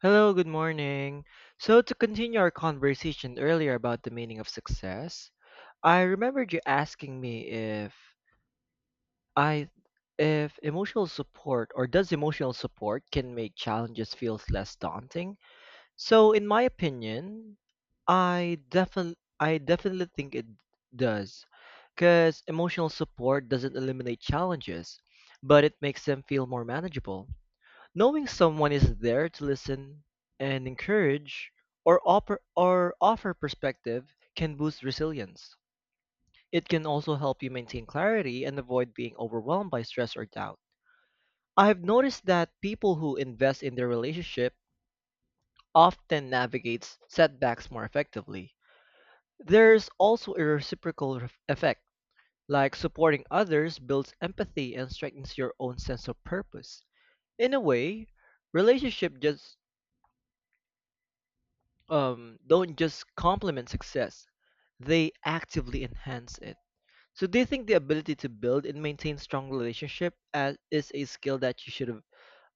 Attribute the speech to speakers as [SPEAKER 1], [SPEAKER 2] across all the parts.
[SPEAKER 1] Hello, good morning. So, to continue our conversation earlier about the meaning of success, I remembered you asking me if I if emotional support or does emotional support can make challenges feels less daunting. So, in my opinion, I definitely think it does because emotional support doesn't eliminate challenges, but it makes them feel more manageable. Knowing someone is there to listen and encourage or offer perspective can boost resilience. It can also help you maintain clarity and avoid being overwhelmed by stress or doubt. I have noticed that people who invest in their relationship often navigates setbacks more effectively. There's also a reciprocal effect, like supporting others builds empathy and strengthens your own sense of purpose. In a way, relationship just don't just complement success, they actively enhance it. So, do you think the ability to build and maintain strong relationship is a skill that you should have,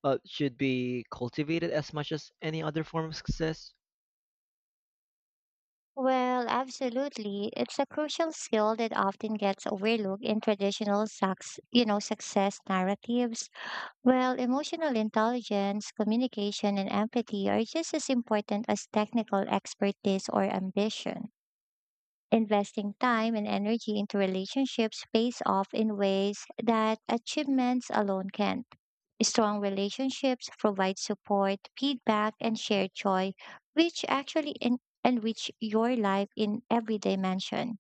[SPEAKER 1] should be cultivated as much as any other form of success?
[SPEAKER 2] Well, absolutely. It's a crucial skill that often gets overlooked in traditional success narratives. Well, emotional intelligence, communication, and empathy are just as important as technical expertise or ambition. Investing time and energy into relationships pays off in ways that achievements alone can't. Strong relationships provide support, feedback, and shared joy, which actually enrich your life in every dimension.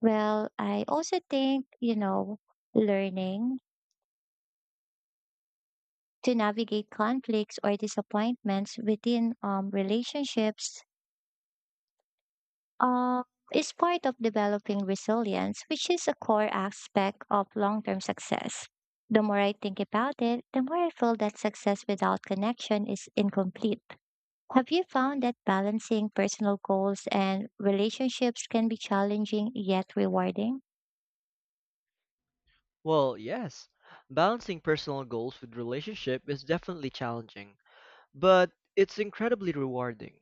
[SPEAKER 2] Well, I also think, learning to navigate conflicts or disappointments within relationships. Um, it's part of developing resilience, which is a core aspect of long term success. The more I think about it, the more I feel that success without connection is incomplete. Have you found that balancing personal goals and relationships can be challenging yet rewarding?
[SPEAKER 1] Well, yes. Balancing personal goals with relationship is definitely challenging, but it's incredibly rewarding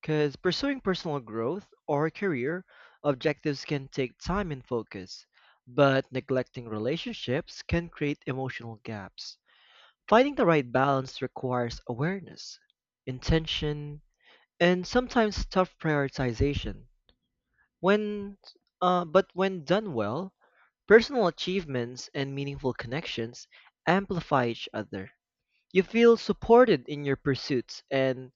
[SPEAKER 1] because pursuing personal growth or career objectives can take time and focus, but neglecting relationships can create emotional gaps. Finding the right balance requires awareness, intention, and sometimes tough prioritization. When, but when done well, personal achievements and meaningful connections amplify each other. You feel supported in your pursuits and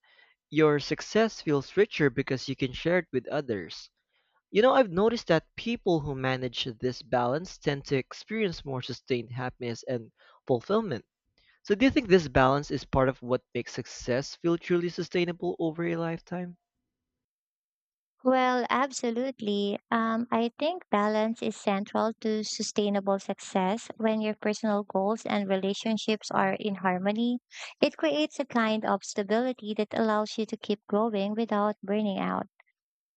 [SPEAKER 1] your success feels richer because you can share it with others. You know, I've noticed that people who manage this balance tend to experience more sustained happiness and fulfillment. So, do you think this balance is part of what makes success feel truly sustainable over a lifetime?
[SPEAKER 2] Well, absolutely. I think balance is central to sustainable success. When your personal goals and relationships are in harmony, it creates a kind of stability that allows you to keep growing without burning out.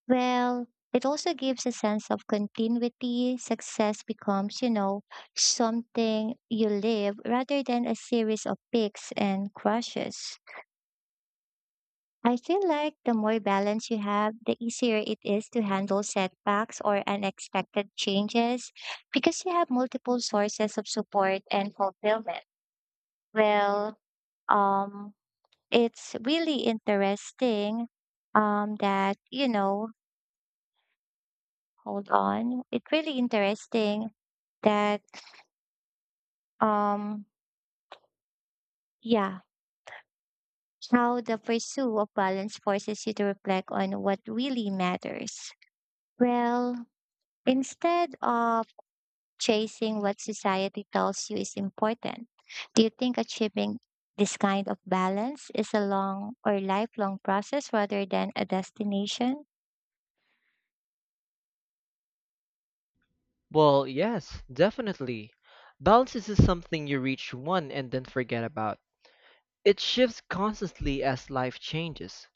[SPEAKER 2] Well, it also gives a sense of continuity. Success becomes, something you live rather than a series of peaks and crashes. I feel like the more balance you have, the easier it is to handle setbacks or unexpected changes because you have multiple sources of support and fulfillment. Well, um, it's really interesting that, hold on. It's really interesting that, um, yeah, how the pursuit of balance forces you to reflect on what really matters. Well, instead of chasing what society tells you is important. Do you think achieving this kind of balance is a long or lifelong process rather than a destination?
[SPEAKER 1] Well, yes, definitely. Balance is something you reach one and then forget about. It shifts constantly as life changes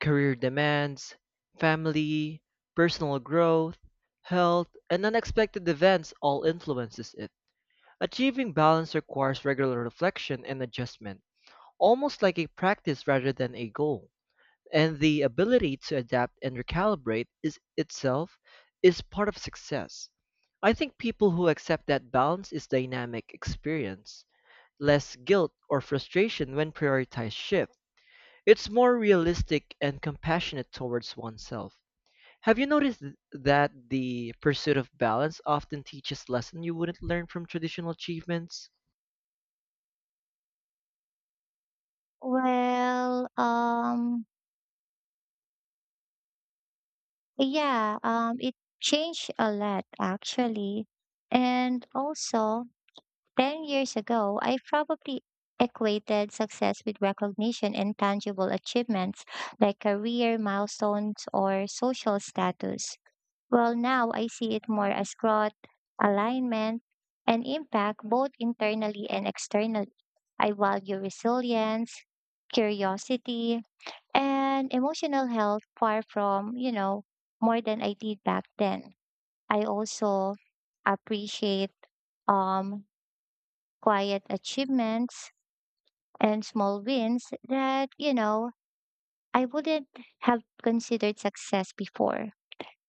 [SPEAKER 1] career demands, family, personal growth, health, and unexpected events all influences it. Achieving balance requires regular reflection and adjustment, almost like a practice rather than a goal. And the ability to adapt and recalibrate is part of success. I think people who accept that balance is dynamic experience, less guilt or frustration when priorities shift it's more realistic and compassionate towards oneself. Have you noticed that the pursuit of balance often teaches lessons you wouldn't learn from traditional achievements?
[SPEAKER 2] Well, yeah, it changed a lot actually. And also, 10 years ago, I probably equated success with recognition and tangible achievements like career milestones or social status. Well, now I see it more as growth, alignment, and impact both internally and externally. I value resilience, curiosity, and emotional health far from, more than I did back then. I also appreciate um quiet achievements and small wins that, I wouldn't have considered success before.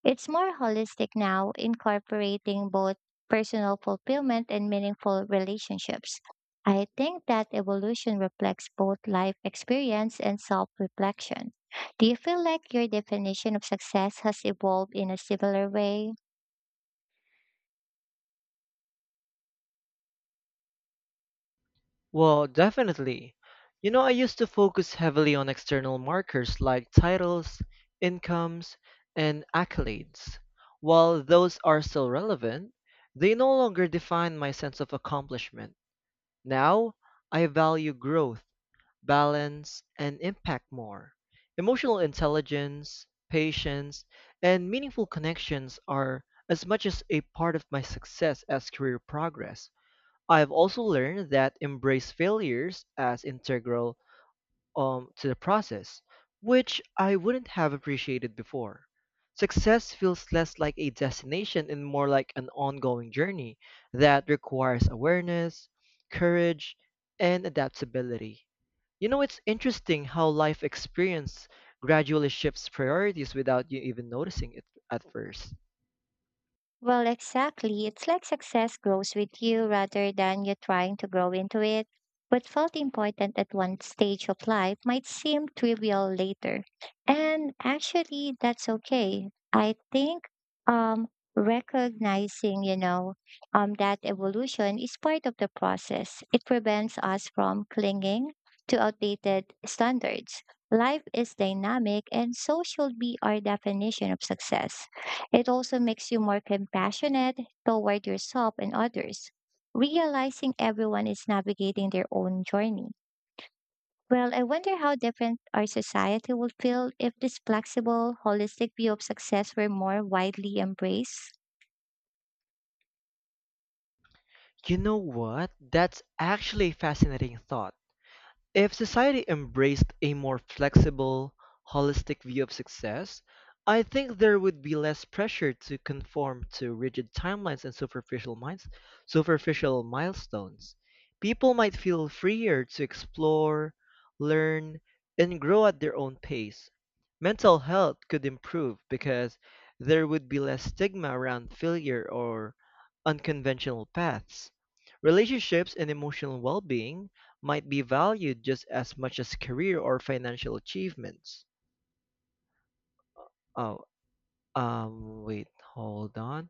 [SPEAKER 2] It's more holistic now, incorporating both personal fulfillment and meaningful relationships. I think that evolution reflects both life experience and self reflection. Do you feel like your definition of success has evolved in a similar way?
[SPEAKER 1] Well, definitely. You know, I used to focus heavily on external markers like titles, incomes, and accolades. While those are still relevant, they no longer define my sense of accomplishment. Now, I value growth balance, and impact more. Emotional intelligence, patience, and meaningful connections are as much as a part of my success as career progress. I've also learned that embrace failures as integral to the process, which I wouldn't have appreciated before. Success feels less like a destination and more like an ongoing journey that requires awareness, courage, and adaptability. You know, it's interesting how life experience gradually shifts priorities without you even noticing it at first.
[SPEAKER 2] Well, exactly. It's like success grows with you rather than you trying to grow into it. What felt important at one stage of life might seem trivial later. And actually, that's okay. I think um, recognizing, that evolution is part of the process. It prevents us from clinging to outdated standards. Life is dynamic, and so should be our definition of success. It also makes you more compassionate toward yourself and others, realizing everyone is navigating their own journey. Well, I wonder how different our society would feel if this flexible, holistic view of success were more widely embraced.
[SPEAKER 1] You know what? That's actually a fascinating thought. If society embraced a more flexible, holistic view of success, I think there would be less pressure to conform to rigid timelines and superficial milestones. People might feel freer to explore, learn, and grow at their own pace. Mental health could improve because there would be less stigma around failure or unconventional paths. Relationships and emotional well-being might be valued just as much as career or financial achievements. Oh, wait, hold on.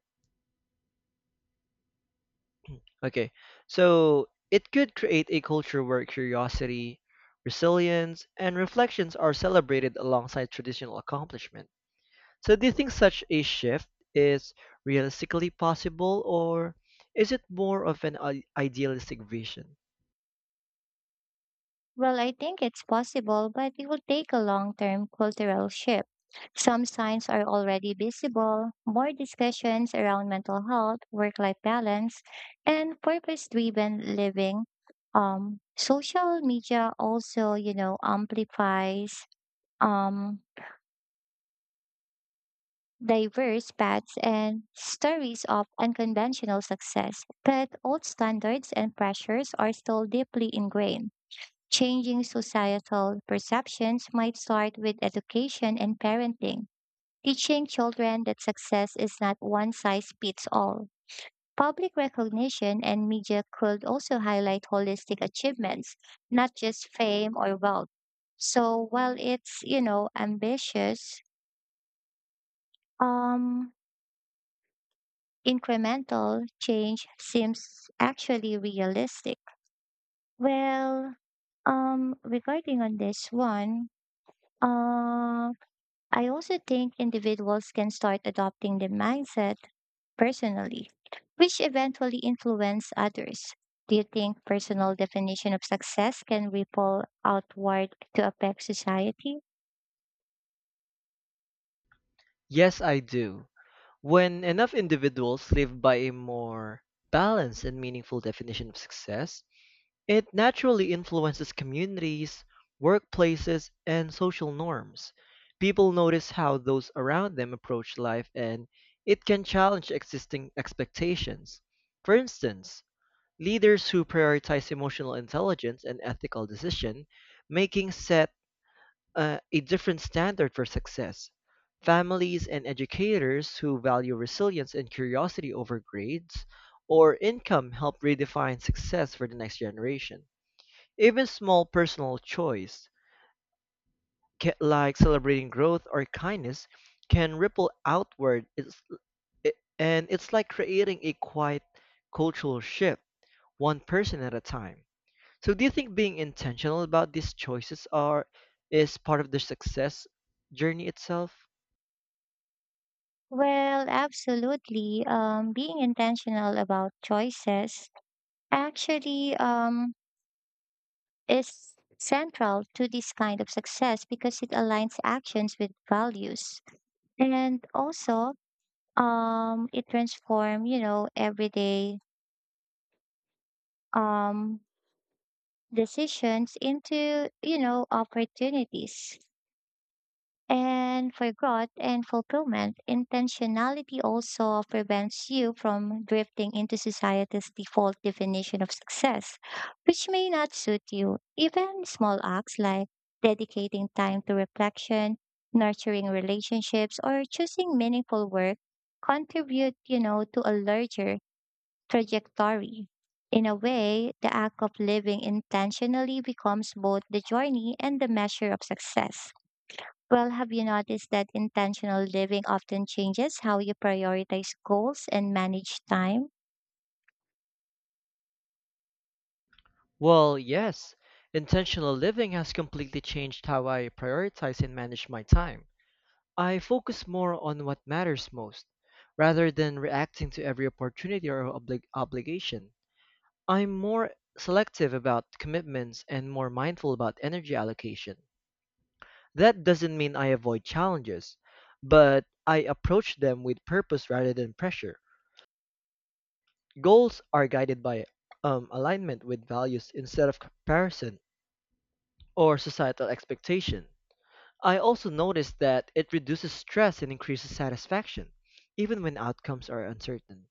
[SPEAKER 1] Okay, so it could create a culture where curiosity, resilience, and reflections are celebrated alongside traditional accomplishment. So, do you think such a shift is realistically possible, or is it more of an idealistic vision?
[SPEAKER 2] Well, I think it's possible, but it will take a long term cultural shift. Some signs are already visible, more discussions around mental health, work life balance, and purpose driven living. Social media also, amplifies um, diverse paths and stories of unconventional success, but old standards and pressures are still deeply ingrained. Changing societal perceptions might start with education and parenting, teaching children that success is not one size fits all. Public recognition and media could also highlight holistic achievements, not just fame or wealth. So while it's, ambitious, um, incremental change seems actually realistic. Well, regarding on this one, um, I also think individuals can start adopting the mindset personally, which eventually influence others. Do you think personal definition of success can ripple outward to affect society?
[SPEAKER 1] Yes, I do. When enough individuals live by a more balanced and meaningful definition of success, it naturally influences communities, workplaces, and social norms. People notice how those around them approach life and it can challenge existing expectations. For instance, leaders who prioritize emotional intelligence and ethical decision making set a different standard for success. Families and educators who value resilience and curiosity over grades or income help redefine success for the next generation. Even small personal choice, like celebrating growth or kindness, can ripple outward. It's, it, and it's like creating a quiet cultural shift, one person at a time. So, do you think being intentional about these choices are is part of the success journey itself?
[SPEAKER 2] Well, absolutely. Being intentional about choices actually is central to this kind of success because it aligns actions with values. And also, it transforms, everyday um decisions into opportunities and for growth and fulfillment. Intentionality also prevents you from drifting into society's default definition of success, which may not suit you. Even small acts like dedicating time to reflection, nurturing relationships, or choosing meaningful work contribute, to a larger trajectory. In a way, the act of living intentionally becomes both the journey and the measure of success. Well, have you noticed that intentional living often changes how you prioritize goals and manage time?
[SPEAKER 1] Well, yes, intentional living has completely changed how I prioritize and manage my time. I focus more on what matters most, rather than reacting to every opportunity or obligation. I'm more selective about commitments and more mindful about energy allocation. That doesn't mean I avoid challenges, but I approach them with purpose rather than pressure. Goals are guided by alignment with values instead of comparison or societal expectation. I also noticed that it reduces stress and increases satisfaction, even when outcomes are uncertain.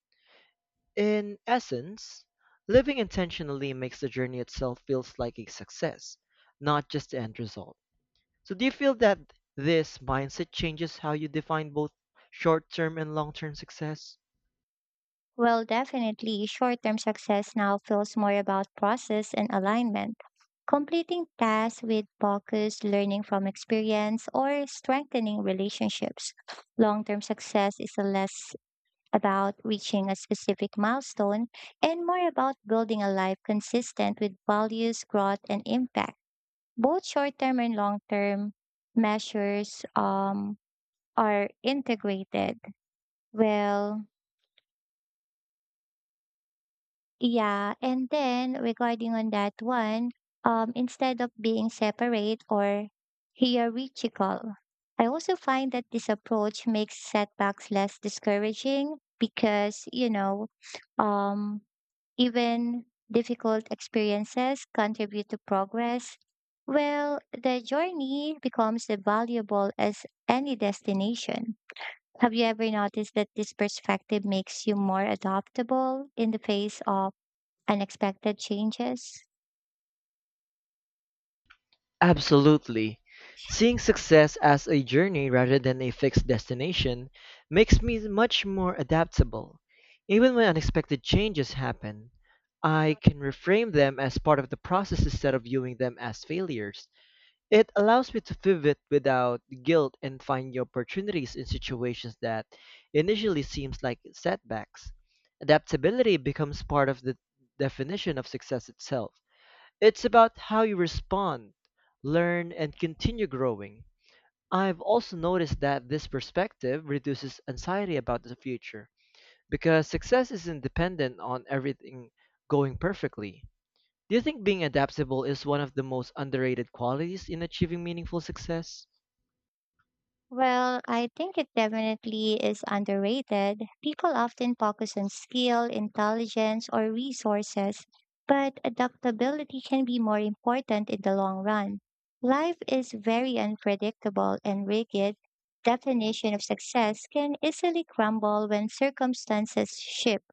[SPEAKER 1] In essence, living intentionally makes the journey itself feels like a success, not just the end result. So do you feel that this mindset changes how you define both short-term and long-term success?
[SPEAKER 2] Well, definitely, short term success now feels more about process and alignment. Completing tasks with focus, learning from experience, or strengthening relationships. Long term success is less about reaching a specific milestone and more about building a life consistent with values, growth, and impact. Both short term and long term measures are integrated. Well, yeah, and then regarding on that one, instead of being separate or hierarchical, I also find that this approach makes setbacks less discouraging because, um, even difficult experiences contribute to progress. Well, the journey becomes as valuable as any destination. Have you ever noticed that this perspective makes you more adaptable in the face of unexpected changes?
[SPEAKER 1] Absolutely. Seeing success as a journey rather than a fixed destination makes me much more adaptable. Even when unexpected changes happen, I can reframe them as part of the process instead of viewing them as failures. It allows me to pivot without guilt and find new opportunities in situations that initially seems like setbacks. Adaptability becomes part of the definition of success itself. It's about how you respond, learn, and continue growing. I've also noticed that this perspective reduces anxiety about the future because success isn't dependent on everything going perfectly. Do you think being adaptable is one of the most underrated qualities in achieving meaningful success?
[SPEAKER 2] Well, I think it definitely is underrated. People often focus on skill, intelligence, or resources, but adaptability can be more important in the long run. Life is very unpredictable and rigid. Definition of success can easily crumble when circumstances shift.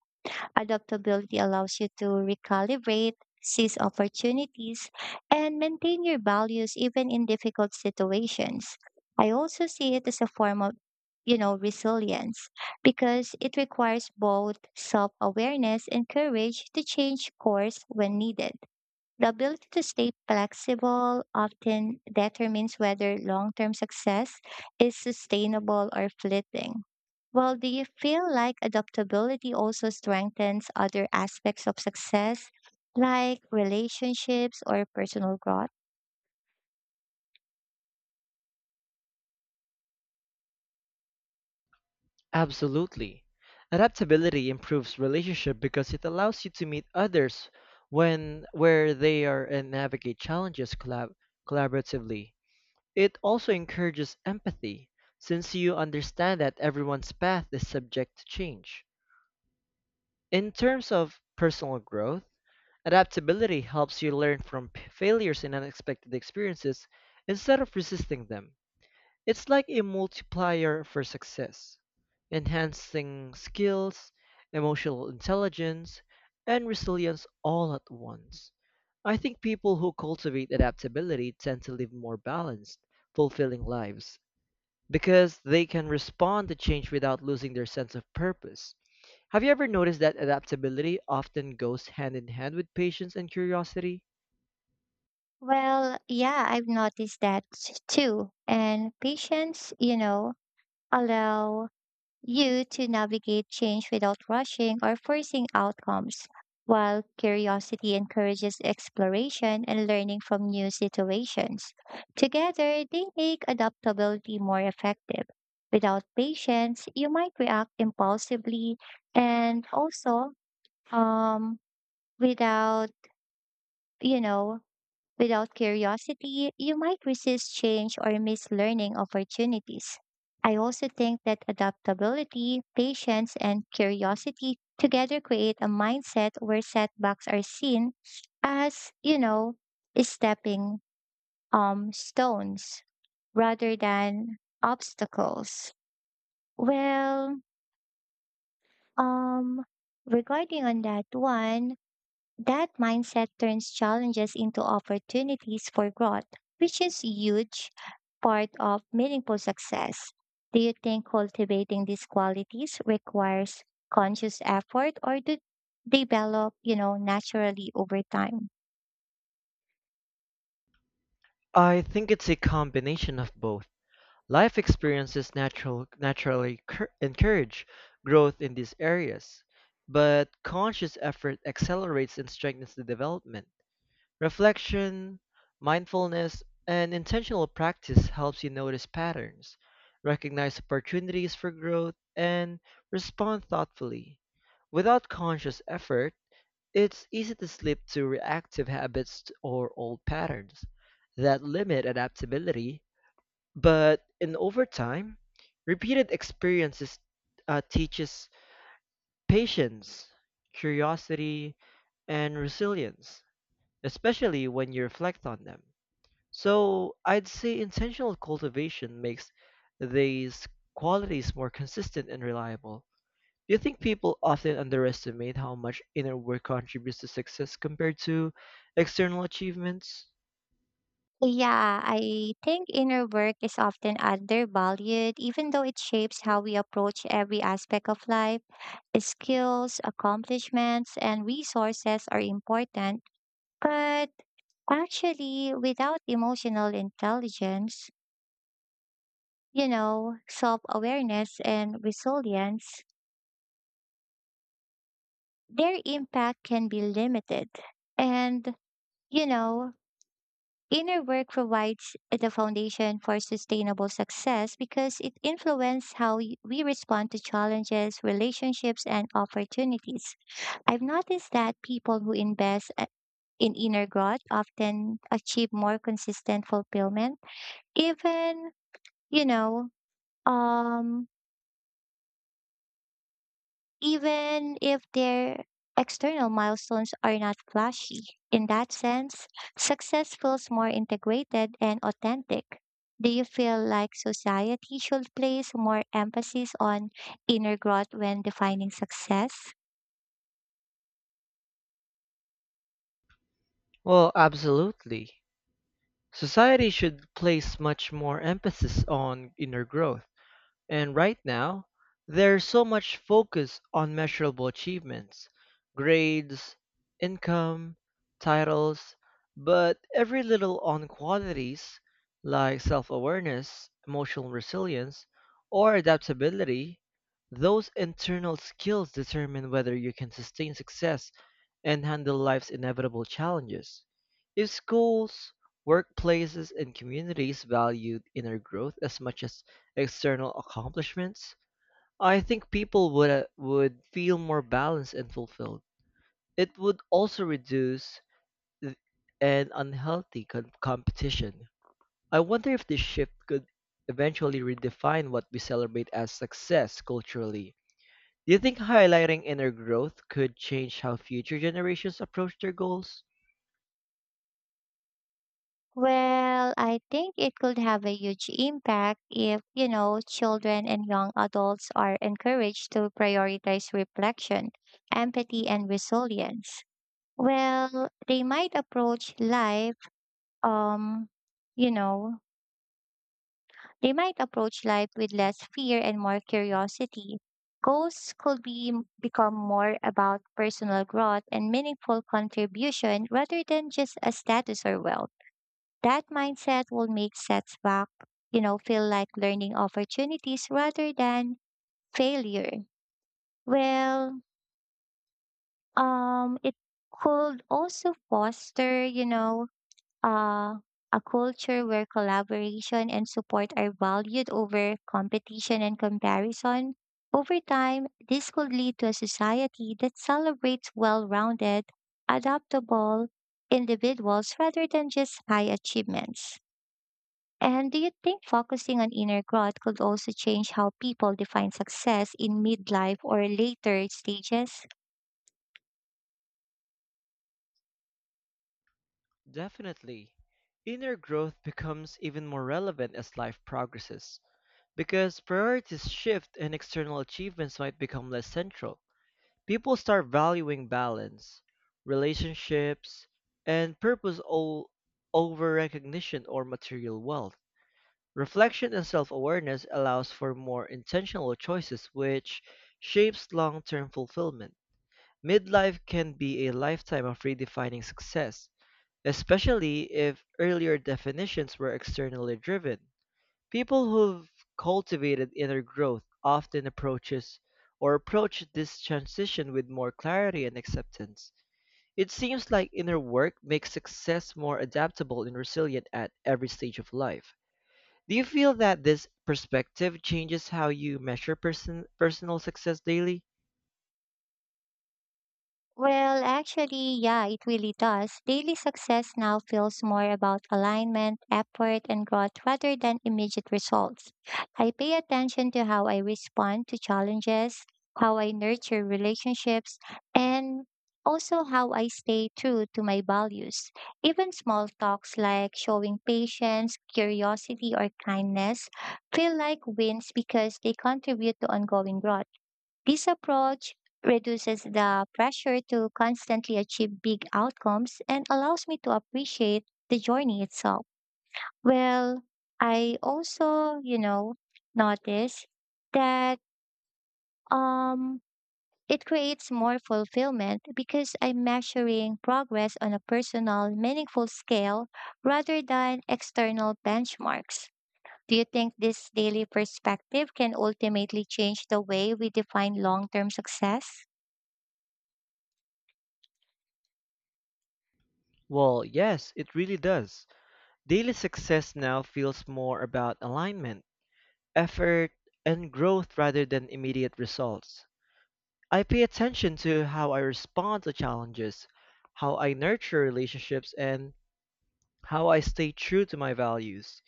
[SPEAKER 2] Adaptability allows you to recalibrate, seize opportunities, and maintain your values even in difficult situations. I also see it as a form of resilience, because it requires both self-awareness and courage to change course when needed. The ability to stay flexible often determines whether long term success is sustainable or fleeting. Well, do you feel like adaptability also strengthens other aspects of success, like relationships or personal growth?
[SPEAKER 1] Absolutely. Adaptability improves relationship because it allows you to meet others when where they are and navigate challenges collaboratively. It also encourages empathy, since you understand that everyone's path is subject to change. In terms of personal growth, adaptability helps you learn from failures and unexpected experiences instead of resisting them. It's like a multiplier for success, enhancing skills, emotional intelligence, and resilience all at once. I think people who cultivate adaptability tend to live more balanced, fulfilling lives because they can respond to change without losing their sense of purpose. Have you ever noticed that adaptability often goes hand in hand with patience and curiosity?
[SPEAKER 2] Well, yeah, I've noticed that too. And patience, allow you to navigate change without rushing or forcing outcomes, while curiosity encourages exploration and learning from new situations. Together, they make adaptability more effective. Without patience, you might react impulsively, and also um, without, you know, Without curiosity, you might resist change or miss learning opportunities. I also think that adaptability, patience, and curiosity together create a mindset where setbacks are seen as, stepping stones rather than obstacles. Well, um regarding on that one, that mindset turns challenges into opportunities for growth, which is a huge part of meaningful success. Do you think cultivating these qualities requires conscious effort or do they develop, naturally over time?
[SPEAKER 1] I think it's a combination of both. Life experiences encourage growth in these areas, but conscious effort accelerates and strengthens the development. Reflection, mindfulness, and intentional practice helps you notice patterns, recognize opportunities for growth, and respond thoughtfully. Without conscious effort, it's easy to slip to reactive habits or old patterns that limit adaptability. But in over time, repeated experiences teaches patience, curiosity, and resilience especially when you reflect on them. So I'd say intentional cultivation makes these qualities more consistent and reliable. Do you think people often underestimate how much inner work contributes to success compared to external achievements?
[SPEAKER 2] Yeah, I think inner work is often undervalued, even though it shapes how we approach every aspect of life. Skills, accomplishments, and resources are important, but actually, without emotional intelligence, self awareness and resilience, their impact can be limited. And, you know, inner work provides the foundation for sustainable success because it influences how we respond to challenges, relationships, and opportunities. I've noticed that people who invest in inner growth often achieve more consistent fulfillment, even, you know, um, even if their external milestones are not flashy. In that sense, success feels more integrated and authentic. Do you feel like society should place more emphasis on inner growth when defining success?
[SPEAKER 1] Well, absolutely. Society should place much more emphasis on inner growth. And right now, there's so much focus on measurable achievements, grades, income, titles, but every little on qualities like self awareness, emotional resilience, or adaptability, those internal skills determine whether you can sustain success and handle life's inevitable challenges. If schools, workplaces, and communities valued inner growth as much as external accomplishments, I think people would feel more balanced and fulfilled. It would also reduce th- an unhealthy competition. I wonder if this shift could eventually redefine what we celebrate as success culturally. Do you think highlighting inner growth could change how future generations approach their goals?
[SPEAKER 2] Well, I think it could have a huge impact if, children and young adults are encouraged to prioritize reflection, empathy, and resilience. Well, they might approach um, you know, life with less fear and more curiosity. Goals could be become more about personal growth and meaningful contribution rather than just a status or wealth. That mindset will make setbacks, feel like learning opportunities rather than failure. Well, it could also foster, uh, a culture where collaboration and support are valued over competition and comparison. Over time, this could lead to a society that celebrates well rounded, adaptable individuals rather than just high achievements. And do you think focusing on inner growth could also change how people define success in midlife or later stages?
[SPEAKER 1] Definitely. Inner growth becomes even more relevant as life progresses. Because priorities shift and external achievements might become less central, people start valuing balance, relationships, and purpose all over recognition or material wealth. Reflection and self awareness allows for more intentional choices, which shapes long term fulfillment. Midlife can be a lifetime of redefining success, especially if earlier definitions were externally driven. People who've cultivated inner growth often approach this transition with more clarity and acceptance. It seems like inner work makes success more adaptable and resilient at every stage of life. Do you feel that this perspective changes how you measure personal success daily?
[SPEAKER 2] Well, actually, yeah, it really does. Daily success now feels more about alignment, effort, and growth rather than immediate results. I pay attention to how I respond to challenges, how I nurture relationships, and also how I stay true to my values. Even small talks like showing patience, curiosity, or kindness feel like wins because they contribute to ongoing growth. This approach reduces the pressure to constantly achieve big outcomes and allows me to appreciate the journey itself. Well, I also, notice that um it creates more fulfillment because I'm measuring progress on a personal, meaningful scale rather than external benchmarks. Do you think this daily perspective can ultimately change the way we define long term success?
[SPEAKER 1] Well, yes, it really does. Daily success now feels more about alignment, effort, and growth rather than immediate results. I pay attention to how I respond to challenges, how I nurture relationships, and how I stay true to my values.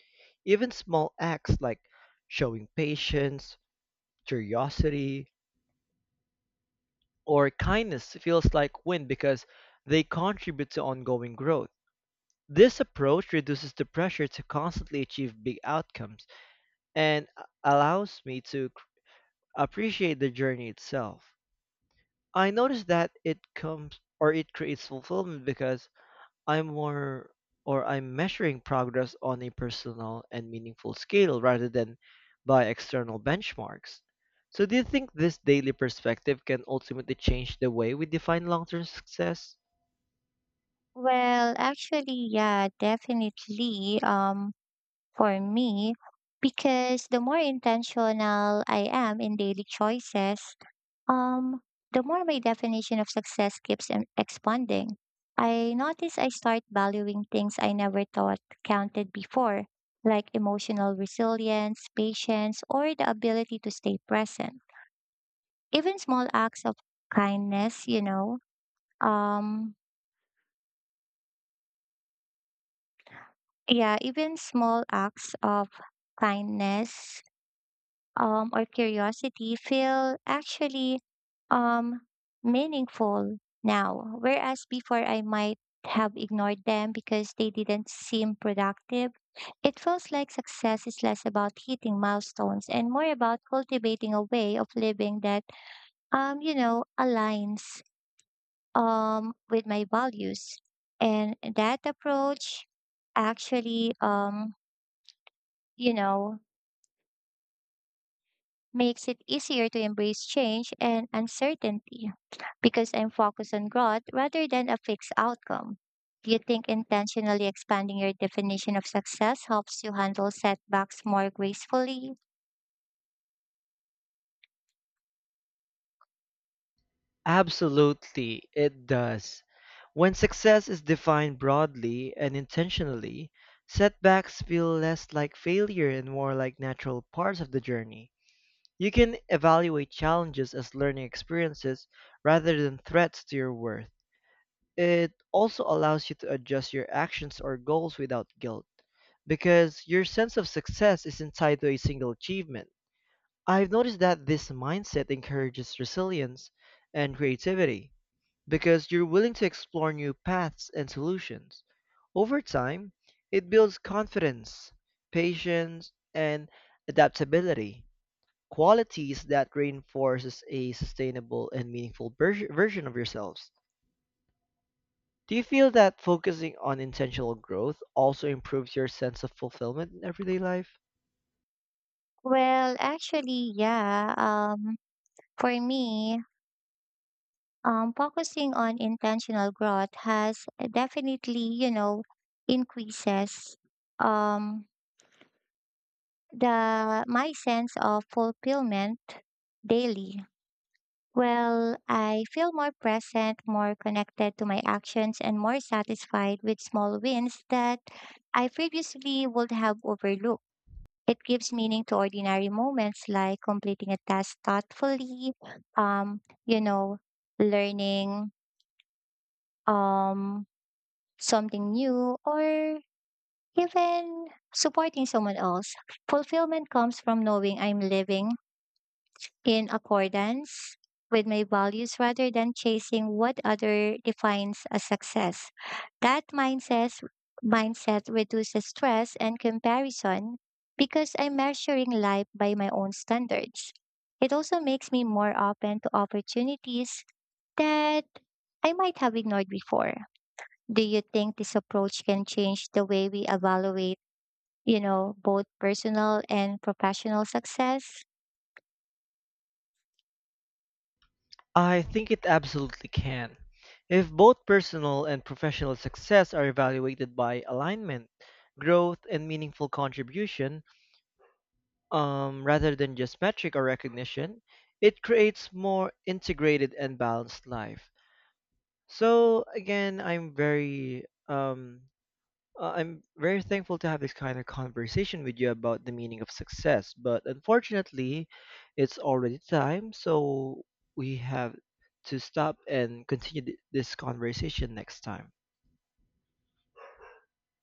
[SPEAKER 1] Even small acts like showing patience, curiosity, or kindness feels like win because they contribute to ongoing growth. This approach reduces the pressure to constantly achieve big outcomes and allows me to appreciate the journey itself. I notice that it comes or it creates fulfillment because I'm more or I'm measuring progress on a personal and meaningful scale rather than by external benchmarks. So, do you think this daily perspective can ultimately change the way we define long term success?
[SPEAKER 2] Well, actually, yeah, definitely. For me, because the more intentional I am in daily choices, um, the more my definition of success keeps expanding. I notice I start valuing things I never thought counted before, like emotional resilience, patience, or the ability to stay present. Even small acts of kindnessum, Yeah, even small acts of kindness or curiosity feel actually um, meaningful now. Whereas before I might have ignored them because they didn't seem productive. It feels like success is less about hitting milestones and more about cultivating a way of living that, aligns with my values. And that approach actually you know, makes it easier to embrace change and uncertainty because I'm focused on growth rather than a fixed outcome. Do you think intentionally expanding your definition of success helps you handle setbacks more gracefully?
[SPEAKER 1] Absolutely, it does. When success is defined broadly and intentionally, setbacks feel less like failure and more like natural parts of the journey. You can evaluate challenges as learning experiences rather than threats to your worth. It also allows you to adjust your actions or goals without guilt, because your sense of success isn't tied to a single achievement. I've noticed that this mindset encourages resilience and creativity because you're willing to explore new paths and solutions. Over time, it builds confidence, patience, and adaptability, qualities that reinforces a sustainable and meaningful version of yourselves. Do you feel that focusing on intentional growth also improves your sense of fulfillment in everyday life?
[SPEAKER 2] Well, actually, yeah. For me, focusing on intentional growth has definitely, increases um, the my sense of fulfillment daily. Well, I feel more present, more connected to my actions, and more satisfied with small wins that I previously would have overlooked. It gives meaning to ordinary moments like completing a task thoughtfully, um, you know, learning um, something new, or even supporting someone else. Fulfillment comes from knowing I'm living in accordance with my values rather than chasing what other defines as success. That mindset reduces stress and comparison because I'm measuring life by my own standards. It also makes me more open to opportunities that I might have ignored before. Do you think this approach can change the way we evaluate, both personal and professional success?
[SPEAKER 1] I think it absolutely can. If both personal and professional success are evaluated by alignment, growth, and meaningful contribution, rather than just metric or recognition, it creates more integrated and balanced life. So again, I'm very thankful to have this kind of conversation with you about the meaning of success, but unfortunately, it's already time, so we have to stop and continue this conversation next time.